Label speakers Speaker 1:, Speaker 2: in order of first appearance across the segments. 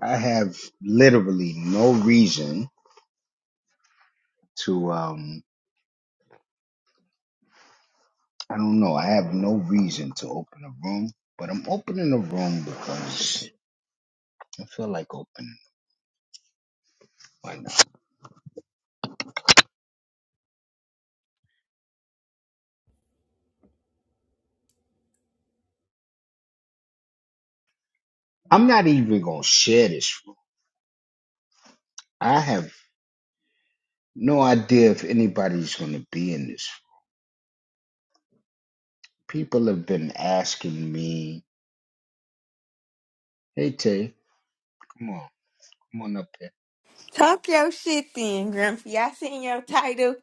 Speaker 1: I have literally no reason to um I don't know, I have no reason to open a room, but I'm opening a room because I feel like opening why not? I'm not even gonna share this room. I have no idea if anybody's gonna be in this room. People have been asking me, Hey Tay, come on, come on up here.
Speaker 2: Talk your shit then, Grumpy. I seen your title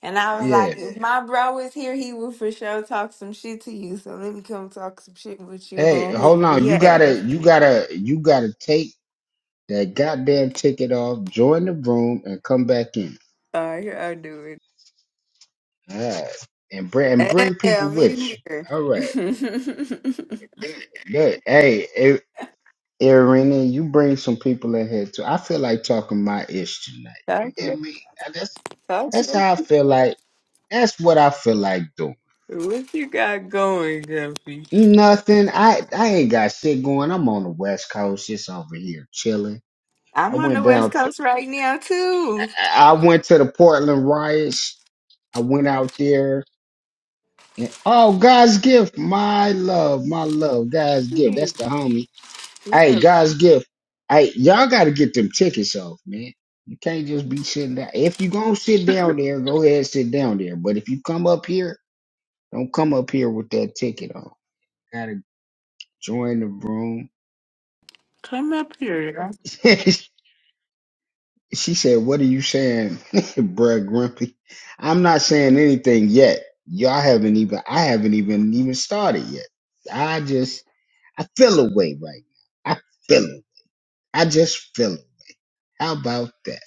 Speaker 2: and I was like,
Speaker 1: Yeah.
Speaker 2: if my bro was here, he would for sure talk some shit to you. So let me come talk some shit with you
Speaker 1: Hey,
Speaker 2: on
Speaker 1: hold
Speaker 2: his
Speaker 1: on, you
Speaker 2: behalf.
Speaker 1: gotta you gotta you gotta take that goddamn ticket off, join the room and come back in.
Speaker 2: All right, here I do
Speaker 1: All right. And bring and
Speaker 2: it.
Speaker 1: bring people
Speaker 2: Damn,
Speaker 1: with
Speaker 2: in
Speaker 1: you.
Speaker 2: here.
Speaker 1: All right. Look, hey, A- Irene, you bring some people in here too. I feel like talking my ish tonight. You
Speaker 2: talk
Speaker 1: hear
Speaker 2: your,
Speaker 1: me? Now, That's
Speaker 2: talk
Speaker 1: that's
Speaker 2: your.
Speaker 1: how I feel like. That's what I feel like doing.
Speaker 2: What you got going, Grumpy?
Speaker 1: Nothing. I I ain't got shit going. I'm on the West Coast. Just over here chilling. I
Speaker 2: I'm on
Speaker 1: went
Speaker 2: the West
Speaker 1: down to.
Speaker 2: Coast right now, too.
Speaker 1: I I went to the Portland riots. I went out there and oh, God's gift, my love, my love, God's gift.
Speaker 2: Hey,
Speaker 1: That's the homie
Speaker 2: what's
Speaker 1: Hey,
Speaker 2: up?
Speaker 1: God's gift. Hey, y'all got to get them tickets off, man. You can't just be sitting down. If you gonna sit down there, go ahead and sit down there. But if you come up here, don't come up here with that ticket on. Gotta join the room.
Speaker 2: Come up here.
Speaker 1: she said, "What are you saying, bruh, Grumpy?" I'm not saying anything yet. Y'all haven't even. I haven't even even started yet. I just. I feel away right now. I feel it. I just feel it. How about that?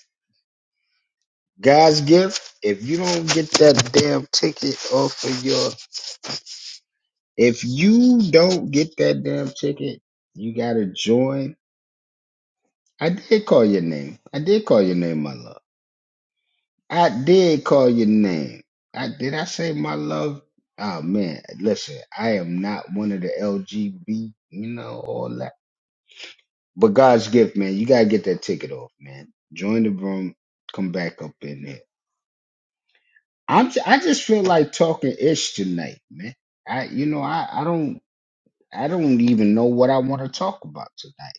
Speaker 1: God's gift, if you don't get that damn ticket off of your, if you don't get that damn ticket, you gotta join. I did call your name. I did call your name, my love. I did call your name. I did. I say my love. Oh man, listen, I am not one of the LGB, you know, all that. But God's gift, man, you gotta get that ticket off, man. Join the room. Come back up in there. I'm j- I just feel like talking ish tonight, man. I you know I I don't I don't even know what I want to talk about tonight.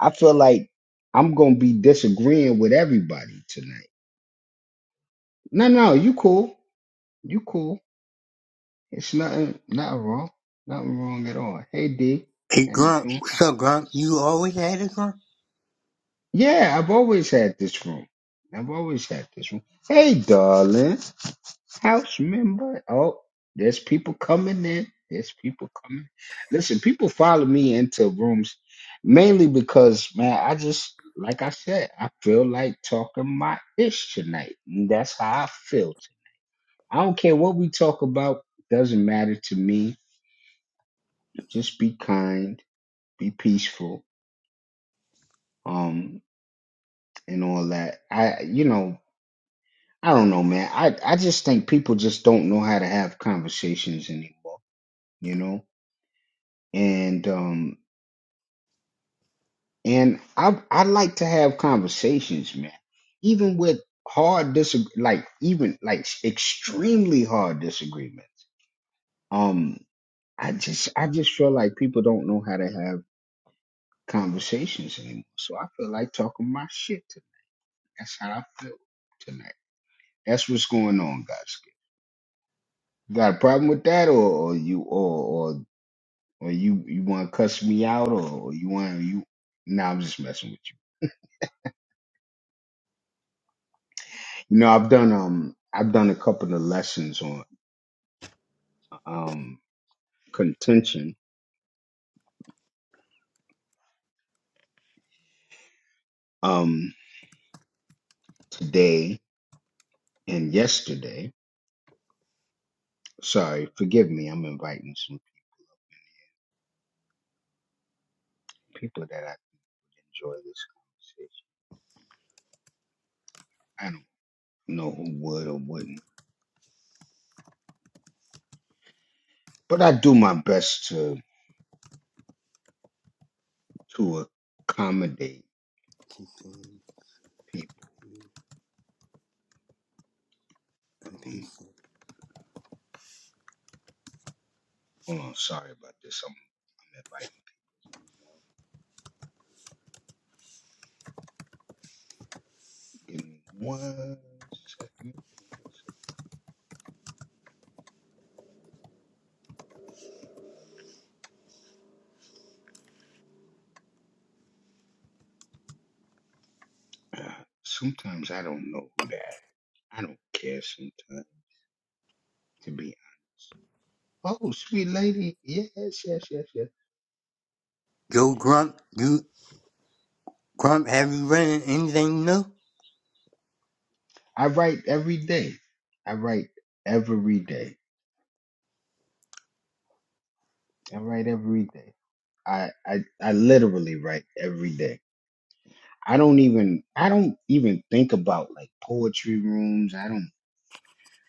Speaker 1: I feel like I'm gonna be disagreeing with everybody tonight. No, no, you cool, you cool. It's nothing nothing wrong, nothing wrong at all. Hey D,
Speaker 3: Hey
Speaker 1: how you
Speaker 3: Grump,
Speaker 1: doing?
Speaker 3: what's up Grump? You always had a Grump?
Speaker 1: Yeah, I've always had this room. I've always had this room. Hey darling. house member. Oh, there's people coming in. There's people coming. Listen, people follow me into rooms mainly because, man, I just, like I said, I feel like talking my ish tonight. And that's how I feel. I don't care what we talk about. Doesn't matter to me. Just be kind, be peaceful, um, and all that. I, you know, I don't know, man. I, I just think people just don't know how to have conversations anymore. You know, and um and I I like to have conversations, man. Even with hard disagree, like even like extremely hard disagreements. Um, I just I just feel like people don't know how to have conversations anymore. So I feel like talking my shit tonight. That's how I feel tonight. That's what's going on, guys. Got a problem with that, or, or you or or or you you want to cuss me out, or, or you want you? Nah, I'm just messing with you. You know, I've done um I've done a couple of lessons on um contention um today and yesterday. Sorry, forgive me. I'm inviting some people that I enjoy this conversation. I don't know who would or wouldn't, but I do my best to to accommodate people. Um, hold on, sorry about this. I'm, I'm inviting. Give me one second. One second. Uh, sometimes I don't know who that. I don't care sometimes. to be honest. Oh, sweet lady. Yes, yes, yes, yes.
Speaker 3: Yo Grump, you Grump, have you read anything new?
Speaker 1: I write every day. I write every day. I write every day. I, I I literally write every day. I don't even I don't even think about like poetry rooms. I don't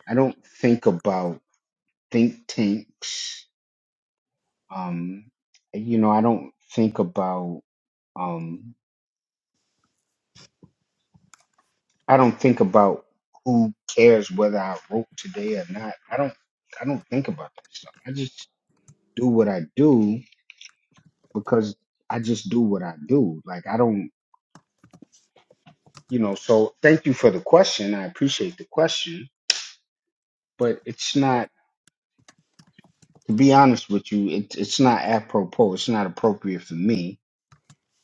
Speaker 1: I don't think about think tanks. Um you know, I don't think about um I don't think about who cares whether I wrote today or not. I don't I don't think about that stuff. I just do what I do because I just do what I do. Like I don't you know, so thank you for the question. I appreciate the question, but it's not to be honest with you, it, it's not apropos. It's not appropriate for me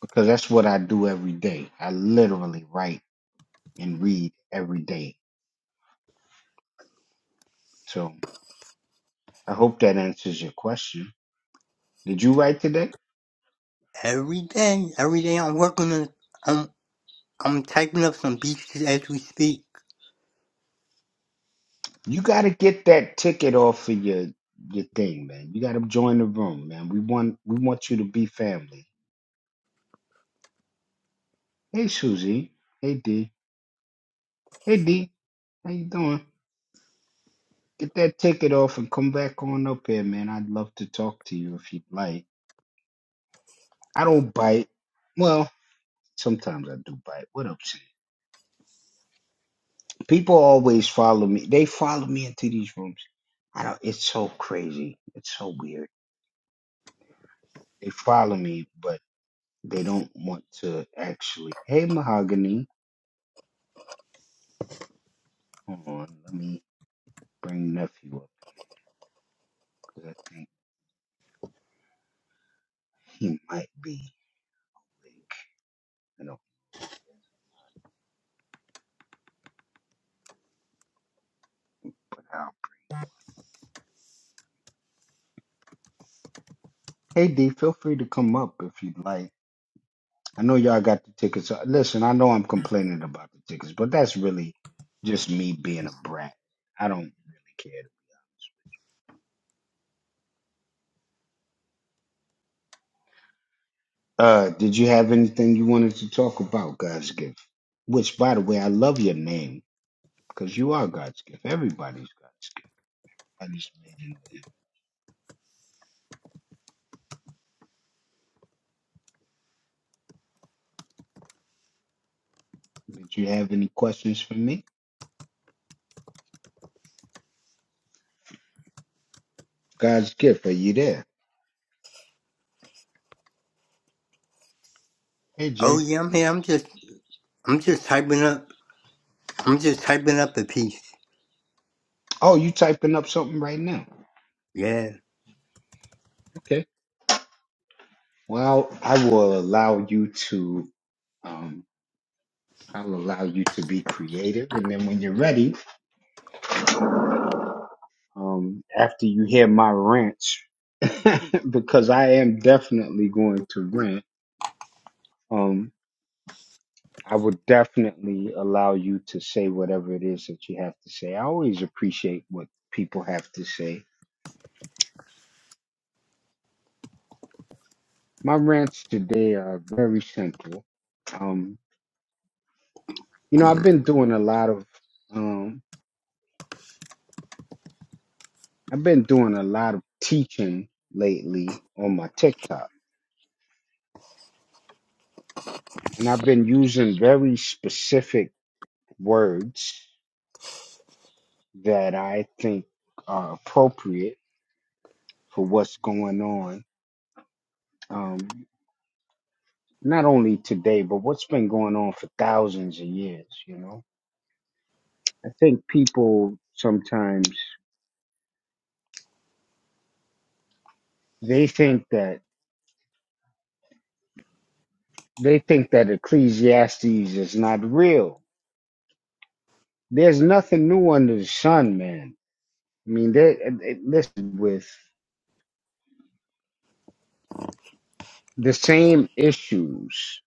Speaker 1: because that's what I do every day. I literally write and read every day. So I hope that answers your question. Did you write today?
Speaker 3: Every day, every day I'm working on, I'm, I'm typing up some beaches as we speak.
Speaker 1: You gotta get that ticket off of your your thing, man. You gotta join the room, man. We want we want you to be family. Hey Susie. Hey D. Hey D. How you doing? Get that ticket off and come back on up here, man. I'd love to talk to you if you'd like. I don't bite. Well, sometimes I do bite. What up, Sam? People always follow me. They follow me into these rooms. I don't it's so crazy. It's so weird. They follow me, but they don't want to actually. Hey, Mahogany. Hold on, let me bring nephew up because I think he might be awake. I don't know if he is, but I'll- Hey D, feel free to come up if you'd like. I know y'all got the tickets. Uh, Listen, I know I'm complaining about the tickets, but that's really just me being a brat. I don't really care. Uh, did you have anything you wanted to talk about, God's gift? Which, by the way, I love your name because you are God's gift. Everybody's God's. gift. I just made it. up. Did you have any questions for me? God's gift. Are you there? Hey
Speaker 3: Oh
Speaker 1: Jay.
Speaker 3: yeah, I'm here, I'm just, I'm just typing up, I'm just typing up a piece.
Speaker 1: Oh, you typing up something right now?
Speaker 3: Yeah.
Speaker 1: Okay. Well, I will allow you to. Um, I'll allow you to be creative, and then when you're ready, um, after you hear my rant, because I am definitely going to rant. Um, I would definitely allow you to say whatever it is that you have to say. I always appreciate what people have to say. My rants today are very simple. Um, you know, I've been doing a lot of. um, I've been doing a lot of teaching lately on my TikTok, and I've been using very specific words that I think are appropriate for what's going on. Um, not only today, but what's been going on for thousands of years, you know? I think people sometimes they think that they think that Ecclesiastes is not real. There's nothing new under the sun, man. I mean, they, they listen with the same issues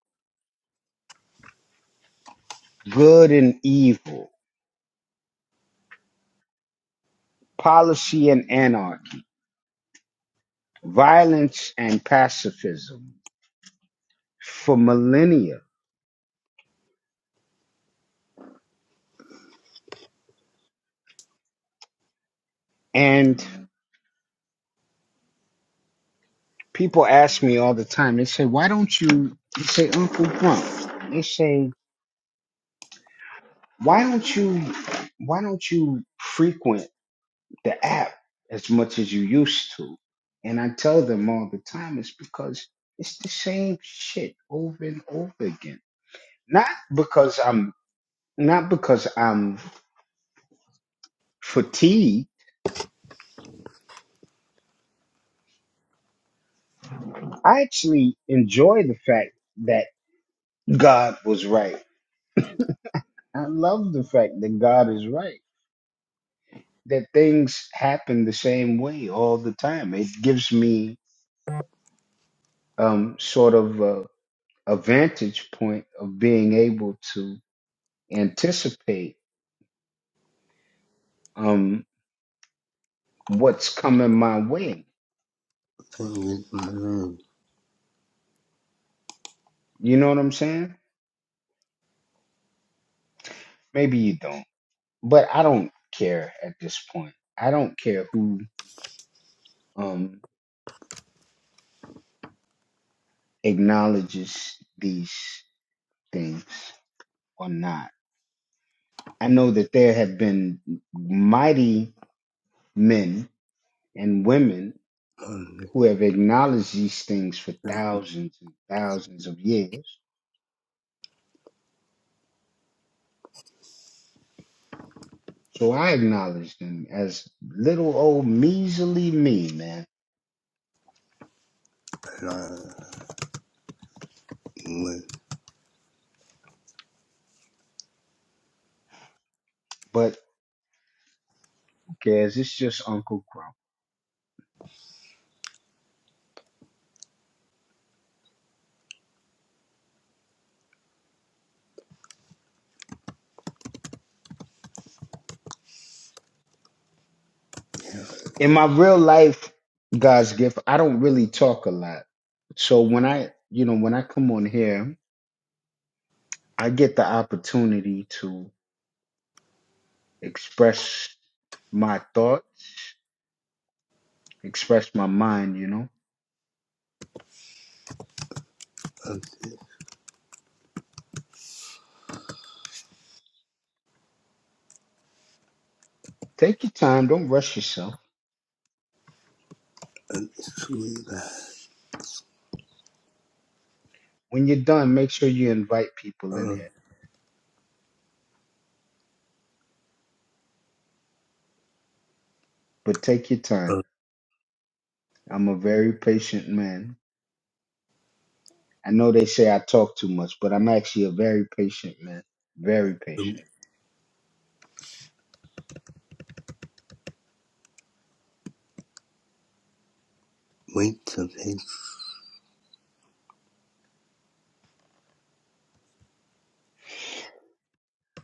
Speaker 1: good and evil, policy and anarchy, violence and pacifism for millennia. And people ask me all the time, they say, Why don't you they say Uncle Blunt? They say, Why don't you why don't you frequent the app as much as you used to? And I tell them all the time it's because it's the same shit over and over again not because I'm not because I'm fatigued. I actually enjoy the fact that God was right. I love the fact that God is right, that things happen the same way all the time. It gives me um, sort of a, a vantage point of being able to anticipate um, what's coming my way. You know what I'm saying? Maybe you don't, but I don't care at this point. I don't care who. Um, acknowledges these things or not. I know that there have been mighty men and women who have acknowledged these things for thousands and thousands of years. So I acknowledge them as little old measly me, man. But who cares? It's just Uncle Grump. In my real life, God's gift, I don't really talk a lot. So when I, you know, when I come on here, I get the opportunity to express my thoughts, express my mind, you know. Take your time, don't rush yourself. When you're done, make sure you invite people in here, but take your time. I'm a very patient man. I know they say I talk too much, but I'm actually a very patient man. Very patient.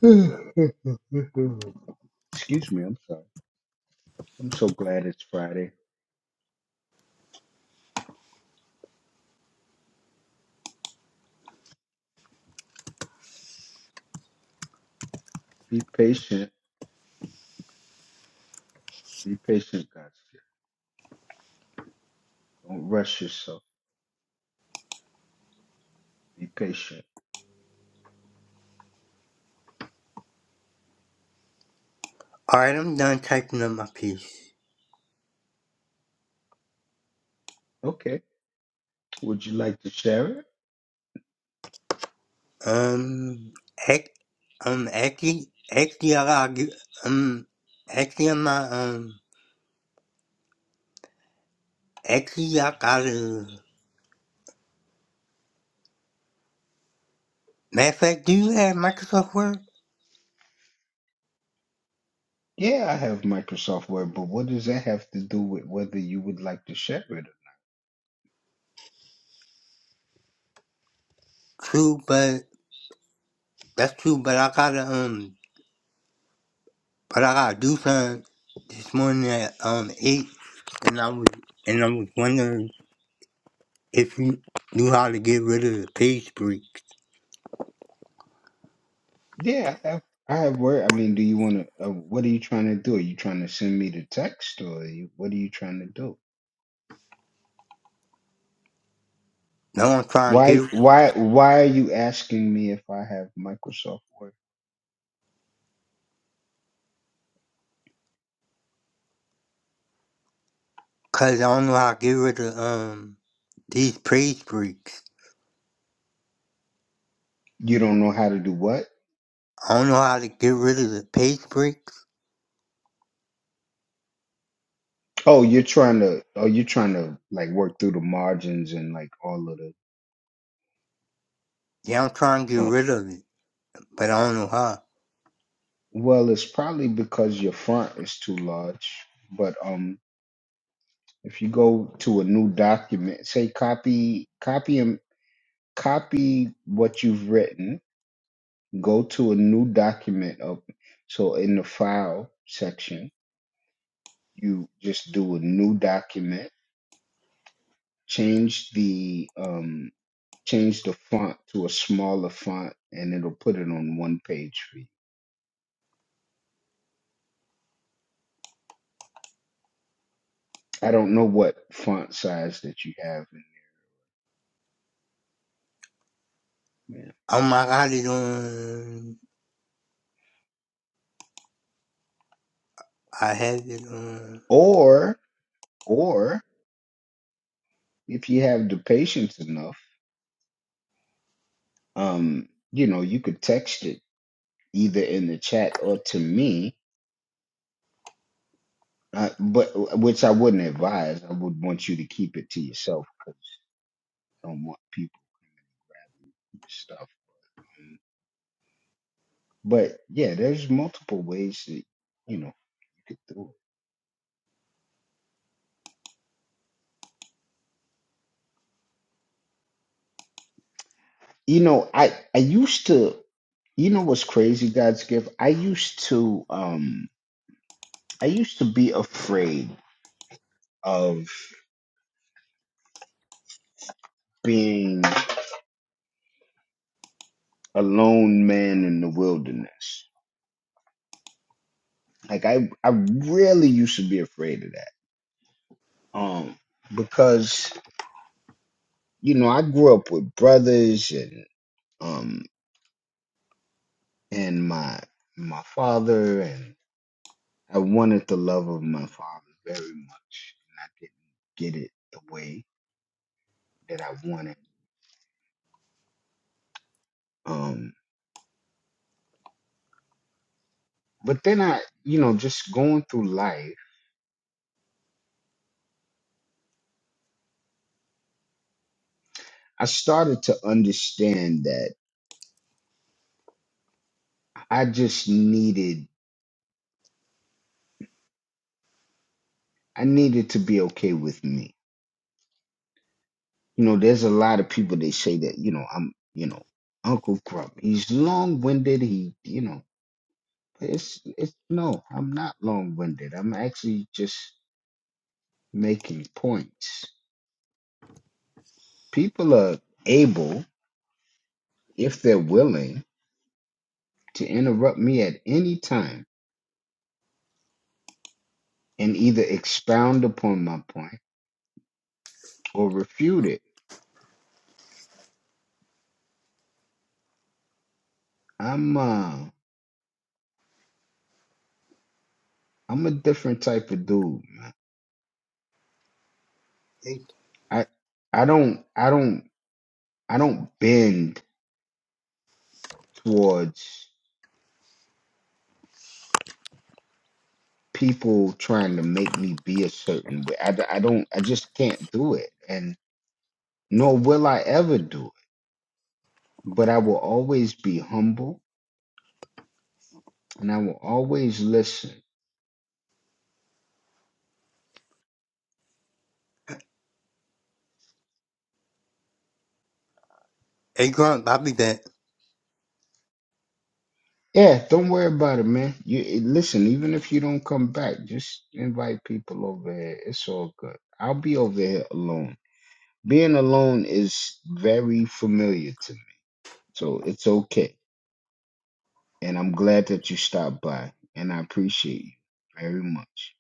Speaker 1: Excuse me, I'm sorry. I'm so glad it's Friday. Be patient. Be patient, guys. Don't rush yourself. Be patient.
Speaker 3: Alright, I'm done typing up my piece.
Speaker 1: Okay. Would you like to share it?
Speaker 3: Um, ac- um, actually, actually, I got um, actually, I'm not, um, actually, I gotta, matter of fact, do you have Microsoft Word?
Speaker 1: Yeah, I have Microsoft Word, but what does that have to do with whether you would like to share it?
Speaker 3: True, but, that's true, but I gotta, um, but I gotta do something this morning at, um, 8, and I was, and I was wondering if you knew how to get rid of the page breaks.
Speaker 1: Yeah, I have, I have Word. I mean, do you want to, uh, what are you trying to do? Are you trying to send me the text or are you, what are you trying to do?
Speaker 3: No, I'm trying to
Speaker 1: Why,
Speaker 3: get,
Speaker 1: why, why are you asking me if I have Microsoft Word?
Speaker 3: cause I don't know how to get rid of, um, these page breaks.
Speaker 1: You don't know how to do what?
Speaker 3: I don't know how to get rid of the page breaks.
Speaker 1: Oh, you're trying to, oh, you're trying to like work through the margins and like all of the,
Speaker 3: Yeah, I'm trying to get
Speaker 1: oh,
Speaker 3: rid of it, but I don't know how.
Speaker 1: well, it's probably because your font is too large, but, um. If you go to a new document, say copy, copy and copy what you've written. Go to a new document up. So in the file section, you just do a new document. Change the um, change the font to a smaller font, and it'll put it on one page for you. I don't know what font size that you have. In, yeah.
Speaker 3: Oh my god, it on. I have it on.
Speaker 1: Or or if you have the patience enough, um, you know, you could text it either in the chat or to me, uh, but which I wouldn't advise. I would want you to keep it to yourself because I don't want people to stuff. Um, But yeah, there's multiple ways that you know you could do it. You know, I I used to. You know what's crazy, God's gift? I used to um I used to be afraid of being a lone man in the wilderness. Like I I really used to be afraid of that. Um because. you know, I grew up with brothers and um and my my father and I wanted the love of my father very much and I didn't get it the way that I wanted. Um but then I, you know, just going through life, I started to understand that I just needed I needed to be okay with me. You know, there's a lot of people they say that, you know, I'm, you know, Uncle Grump. He's long-winded. He, you know, It's it's no, I'm not long-winded. I'm actually just making points. People are able, if they're willing, to interrupt me at any time and either expound upon my point or refute it. I'm uh I'm a different type of dude, man.
Speaker 3: Hey,
Speaker 1: I I don't I don't I don't bend towards people trying to make me be a certain way. I, d- I don't I just can't do it and nor will I ever do it but I will always be humble and I will always listen.
Speaker 3: hey Grunt, I'll be back.
Speaker 1: Yeah, don't worry about it, man. You eh, listen, even if you don't come back, just invite people over here. It's all good. I'll be over here alone. Being alone is very familiar to me. So it's okay. And I'm glad that you stopped by and I appreciate you very much.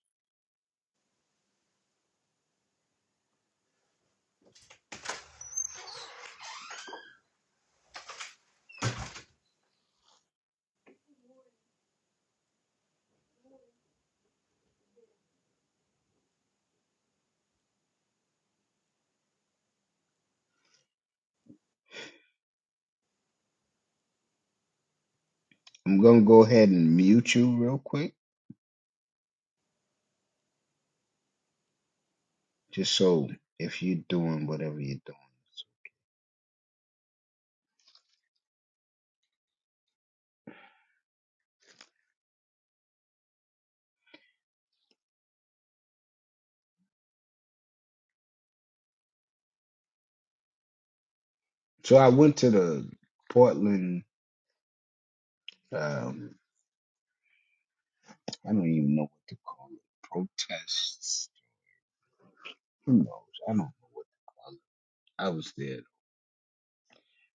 Speaker 1: I'm gonna go ahead and mute you real quick, just so if you're doing whatever you're doing. So I went to the Portland um, I don't even know what to call it. Protests. Who knows? I don't know what to call it. I was there.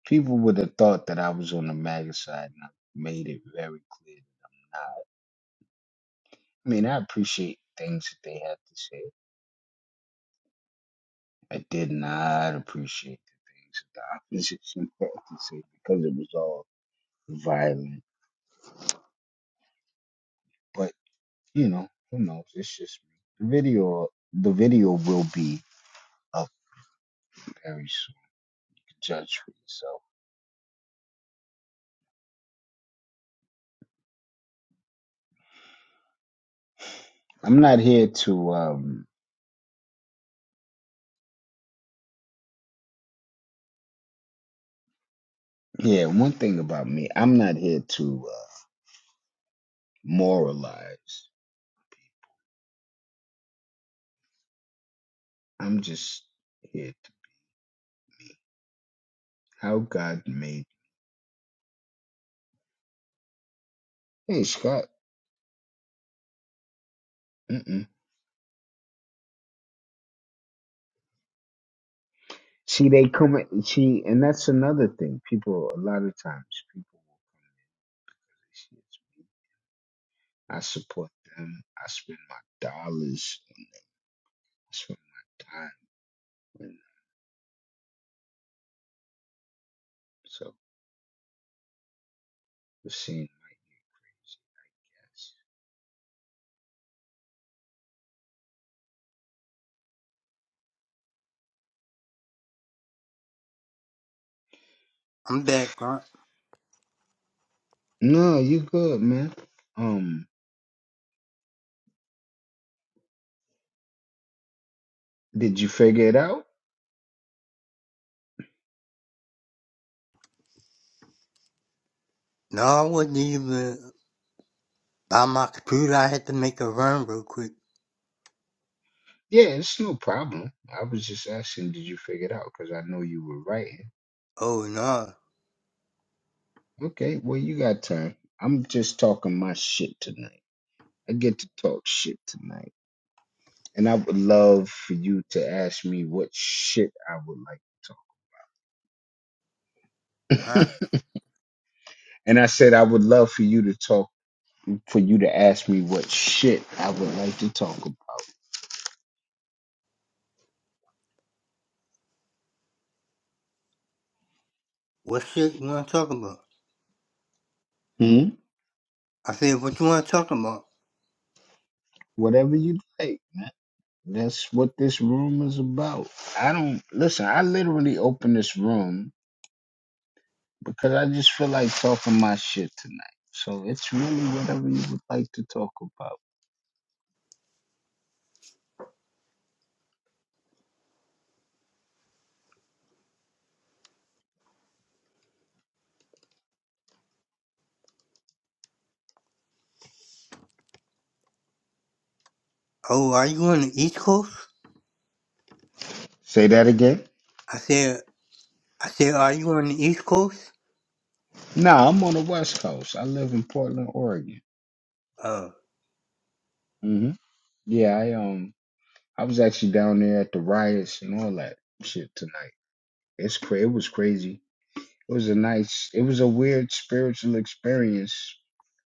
Speaker 1: People would have thought that I was on the MAGA side, and I made it very clear that I I mean, I appreciate things that they had to say. I did not appreciate the things that the opposition had to say because it was all violent. But you know, who knows? It's just me. The video, the video will be up very soon. Judge for yourself. I'm not here to um Yeah, one thing about me, I'm not here to uh, moralize. I'm just here to how God made. Hey, Scott. Mm-mm. See, they come. at- See, and that's another thing. People, a lot of times, people. I support them. I spend my dollars. I spend my time with them. So the scene. Yes.
Speaker 3: I'm back, Grunt.
Speaker 1: No, you good, man. Um, did you figure it out?
Speaker 3: No, I wasn't even by my computer. I had to make a run real quick.
Speaker 1: Yeah, it's no problem. I was just asking, did you figure it out? Because I know you were writing.
Speaker 3: Oh no,
Speaker 1: Okay, well, you got time. I'm just talking my shit tonight. I get to talk shit tonight. And I would love for you to ask me what shit I would like to talk.
Speaker 3: huh?
Speaker 1: and I said, I would love for you to talk, for you to ask me what shit I would like to talk about.
Speaker 3: What shit you want to talk about?
Speaker 1: Hmm?
Speaker 3: I said, what you want to talk about?
Speaker 1: Whatever you like, man. That's what this room is about. I don't, listen, I literally opened this room because I just feel like talking my shit tonight. So it's really whatever you would like to talk about.
Speaker 3: Oh, are you on the East Coast?
Speaker 1: Say that again.
Speaker 3: I said, I said, are you on the East Coast?
Speaker 1: Nah, I'm on the West Coast. I live in Portland, Oregon.
Speaker 3: Oh,
Speaker 1: hmm Yeah, I um, I was actually down there at the riots and all that shit tonight. It's cra- It was crazy. It was a nice. It was a weird spiritual experience,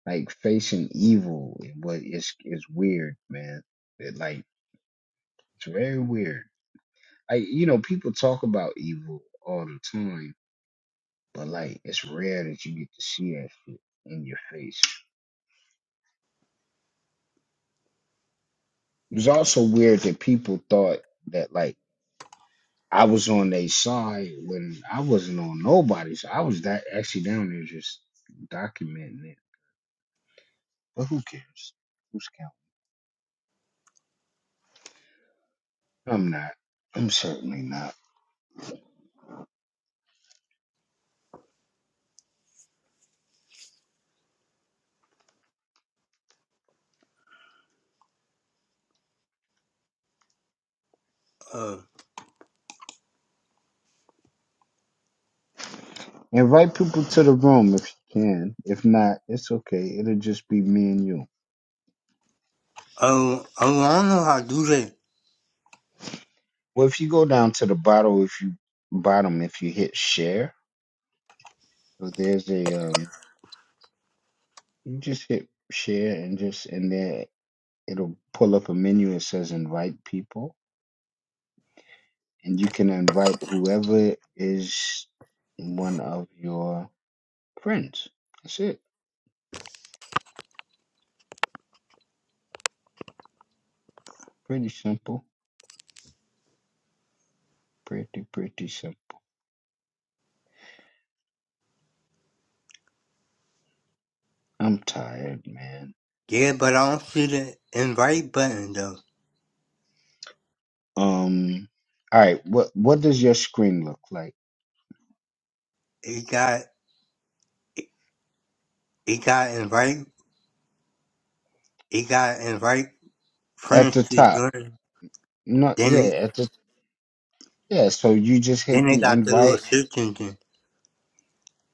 Speaker 1: like facing evil. and What is is weird, man. It like it's very weird. I you know people talk about evil all the time but like it's rare that you get to see that shit in your face. It was also weird that people thought that like I was on their side when I wasn't on nobody's. I was that actually down there just documenting it. But who cares? Who's counting? I'm not. I'm certainly not.
Speaker 3: uh,
Speaker 1: Invite people to the room if you can. If not, it's okay. It'll just be me and you.
Speaker 3: oh, oh, I don't know how to do that.
Speaker 1: Well, if you go down to the bottom, if you bottom, if you hit share, so there's a um, You just hit share and just and there it'll pull up a menu that says invite people and you can invite whoever is one of your friends. That's it. Pretty simple. Pretty pretty simple. I'm tired, man.
Speaker 3: Yeah, but I don't see the invite button though.
Speaker 1: Um all right, what what does your screen look like?
Speaker 3: It got it got invite it got invite
Speaker 1: At the
Speaker 3: friends to
Speaker 1: top.
Speaker 3: join.
Speaker 1: No
Speaker 3: Then
Speaker 1: yeah,
Speaker 3: it
Speaker 1: at the yeah, so you just
Speaker 3: then
Speaker 1: hit
Speaker 3: it
Speaker 1: the
Speaker 3: got the little
Speaker 1: invite.
Speaker 3: search engine.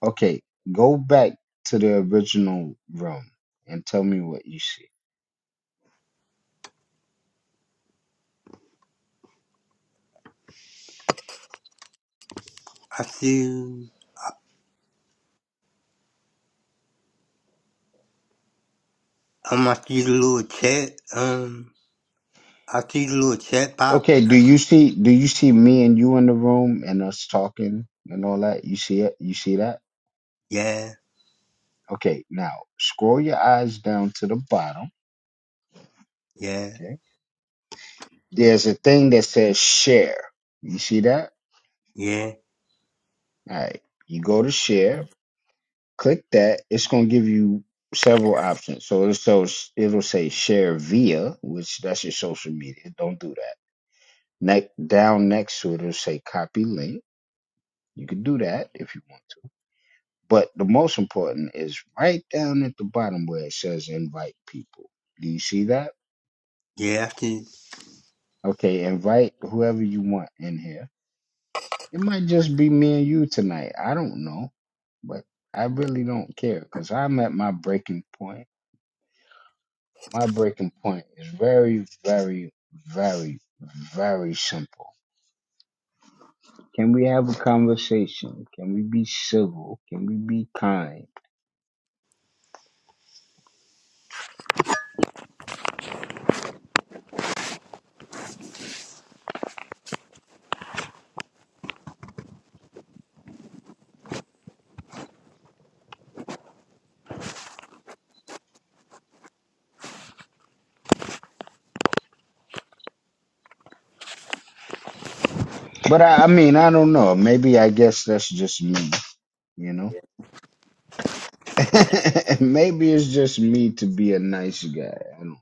Speaker 1: Okay, go back to the original room and tell me what you see.
Speaker 3: I see um I see the little chat um I see the little chat box.
Speaker 1: Okay, do
Speaker 3: I,
Speaker 1: you see do you see me and you in the room and us talking and all that? You see it? You see that?
Speaker 3: yeah,
Speaker 1: Okay, now scroll your eyes down to the bottom.
Speaker 3: yeah,
Speaker 1: Okay. There's a thing that says share. You see that?
Speaker 3: yeah,
Speaker 1: All right. You go to share, click that. It's gonna give you several options. So it shows it'll say share via, which that's your social media. Don't do that. Next down next to it, it'll say copy link. You can do that if you want But the most important is right down at the bottom where it says invite people. Do you see that?
Speaker 3: yeah. I see
Speaker 1: Okay, invite whoever you want in here. It might just be me and you tonight. I don't know. But I really don't care because I'm at my breaking point. My breaking point is very, very, very, very simple. Can we have a conversation? Can we be civil? Can we be kind? But I, I mean, I don't know. Maybe I guess that's just me, you know? Maybe it's just me to be a nice guy. I don't.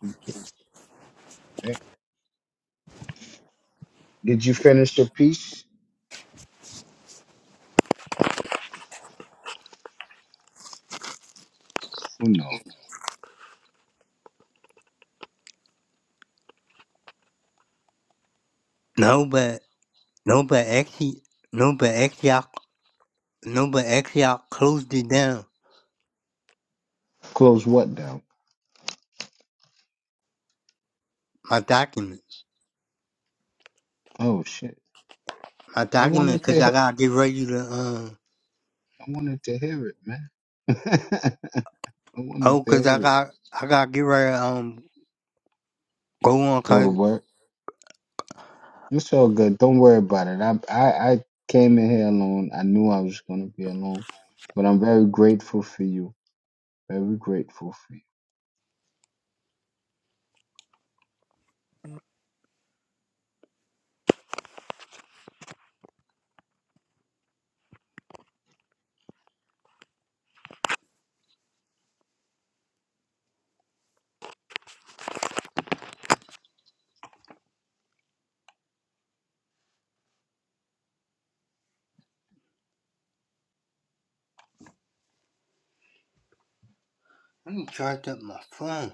Speaker 1: who cares? right? Did you finish the piece? Who knows?
Speaker 3: no, but no, but actually no, but actually I no, but actually I closed it down.
Speaker 1: Close what down?
Speaker 3: My document,
Speaker 1: Oh shit!
Speaker 3: my
Speaker 1: I
Speaker 3: document,
Speaker 1: wanted
Speaker 3: cause
Speaker 1: to. He-
Speaker 3: I
Speaker 1: I
Speaker 3: gotta get ready to um.
Speaker 1: wanted to hear it, man. I wanted
Speaker 3: Oh,
Speaker 1: to
Speaker 3: 'cause I
Speaker 1: hear it.
Speaker 3: got I got to get ready to um go on.
Speaker 1: Go to
Speaker 3: Cause
Speaker 1: work. It's all good. Don't worry about it. I I, I came in here alone. I knew I was gonna be alone, but I'm very grateful for you. Very grateful for you.
Speaker 3: let me charge up my phone.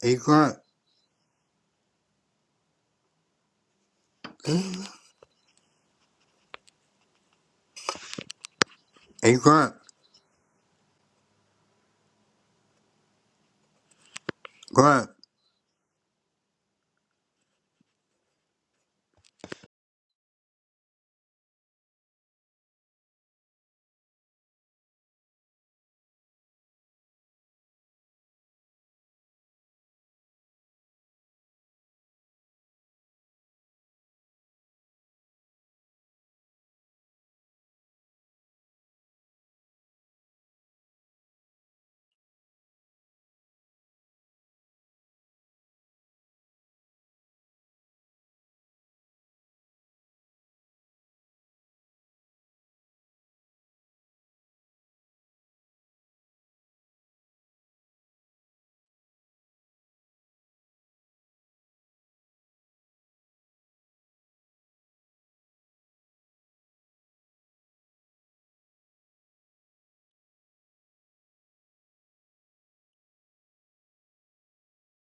Speaker 3: Hey Grunt, hey Grunt, Grunt.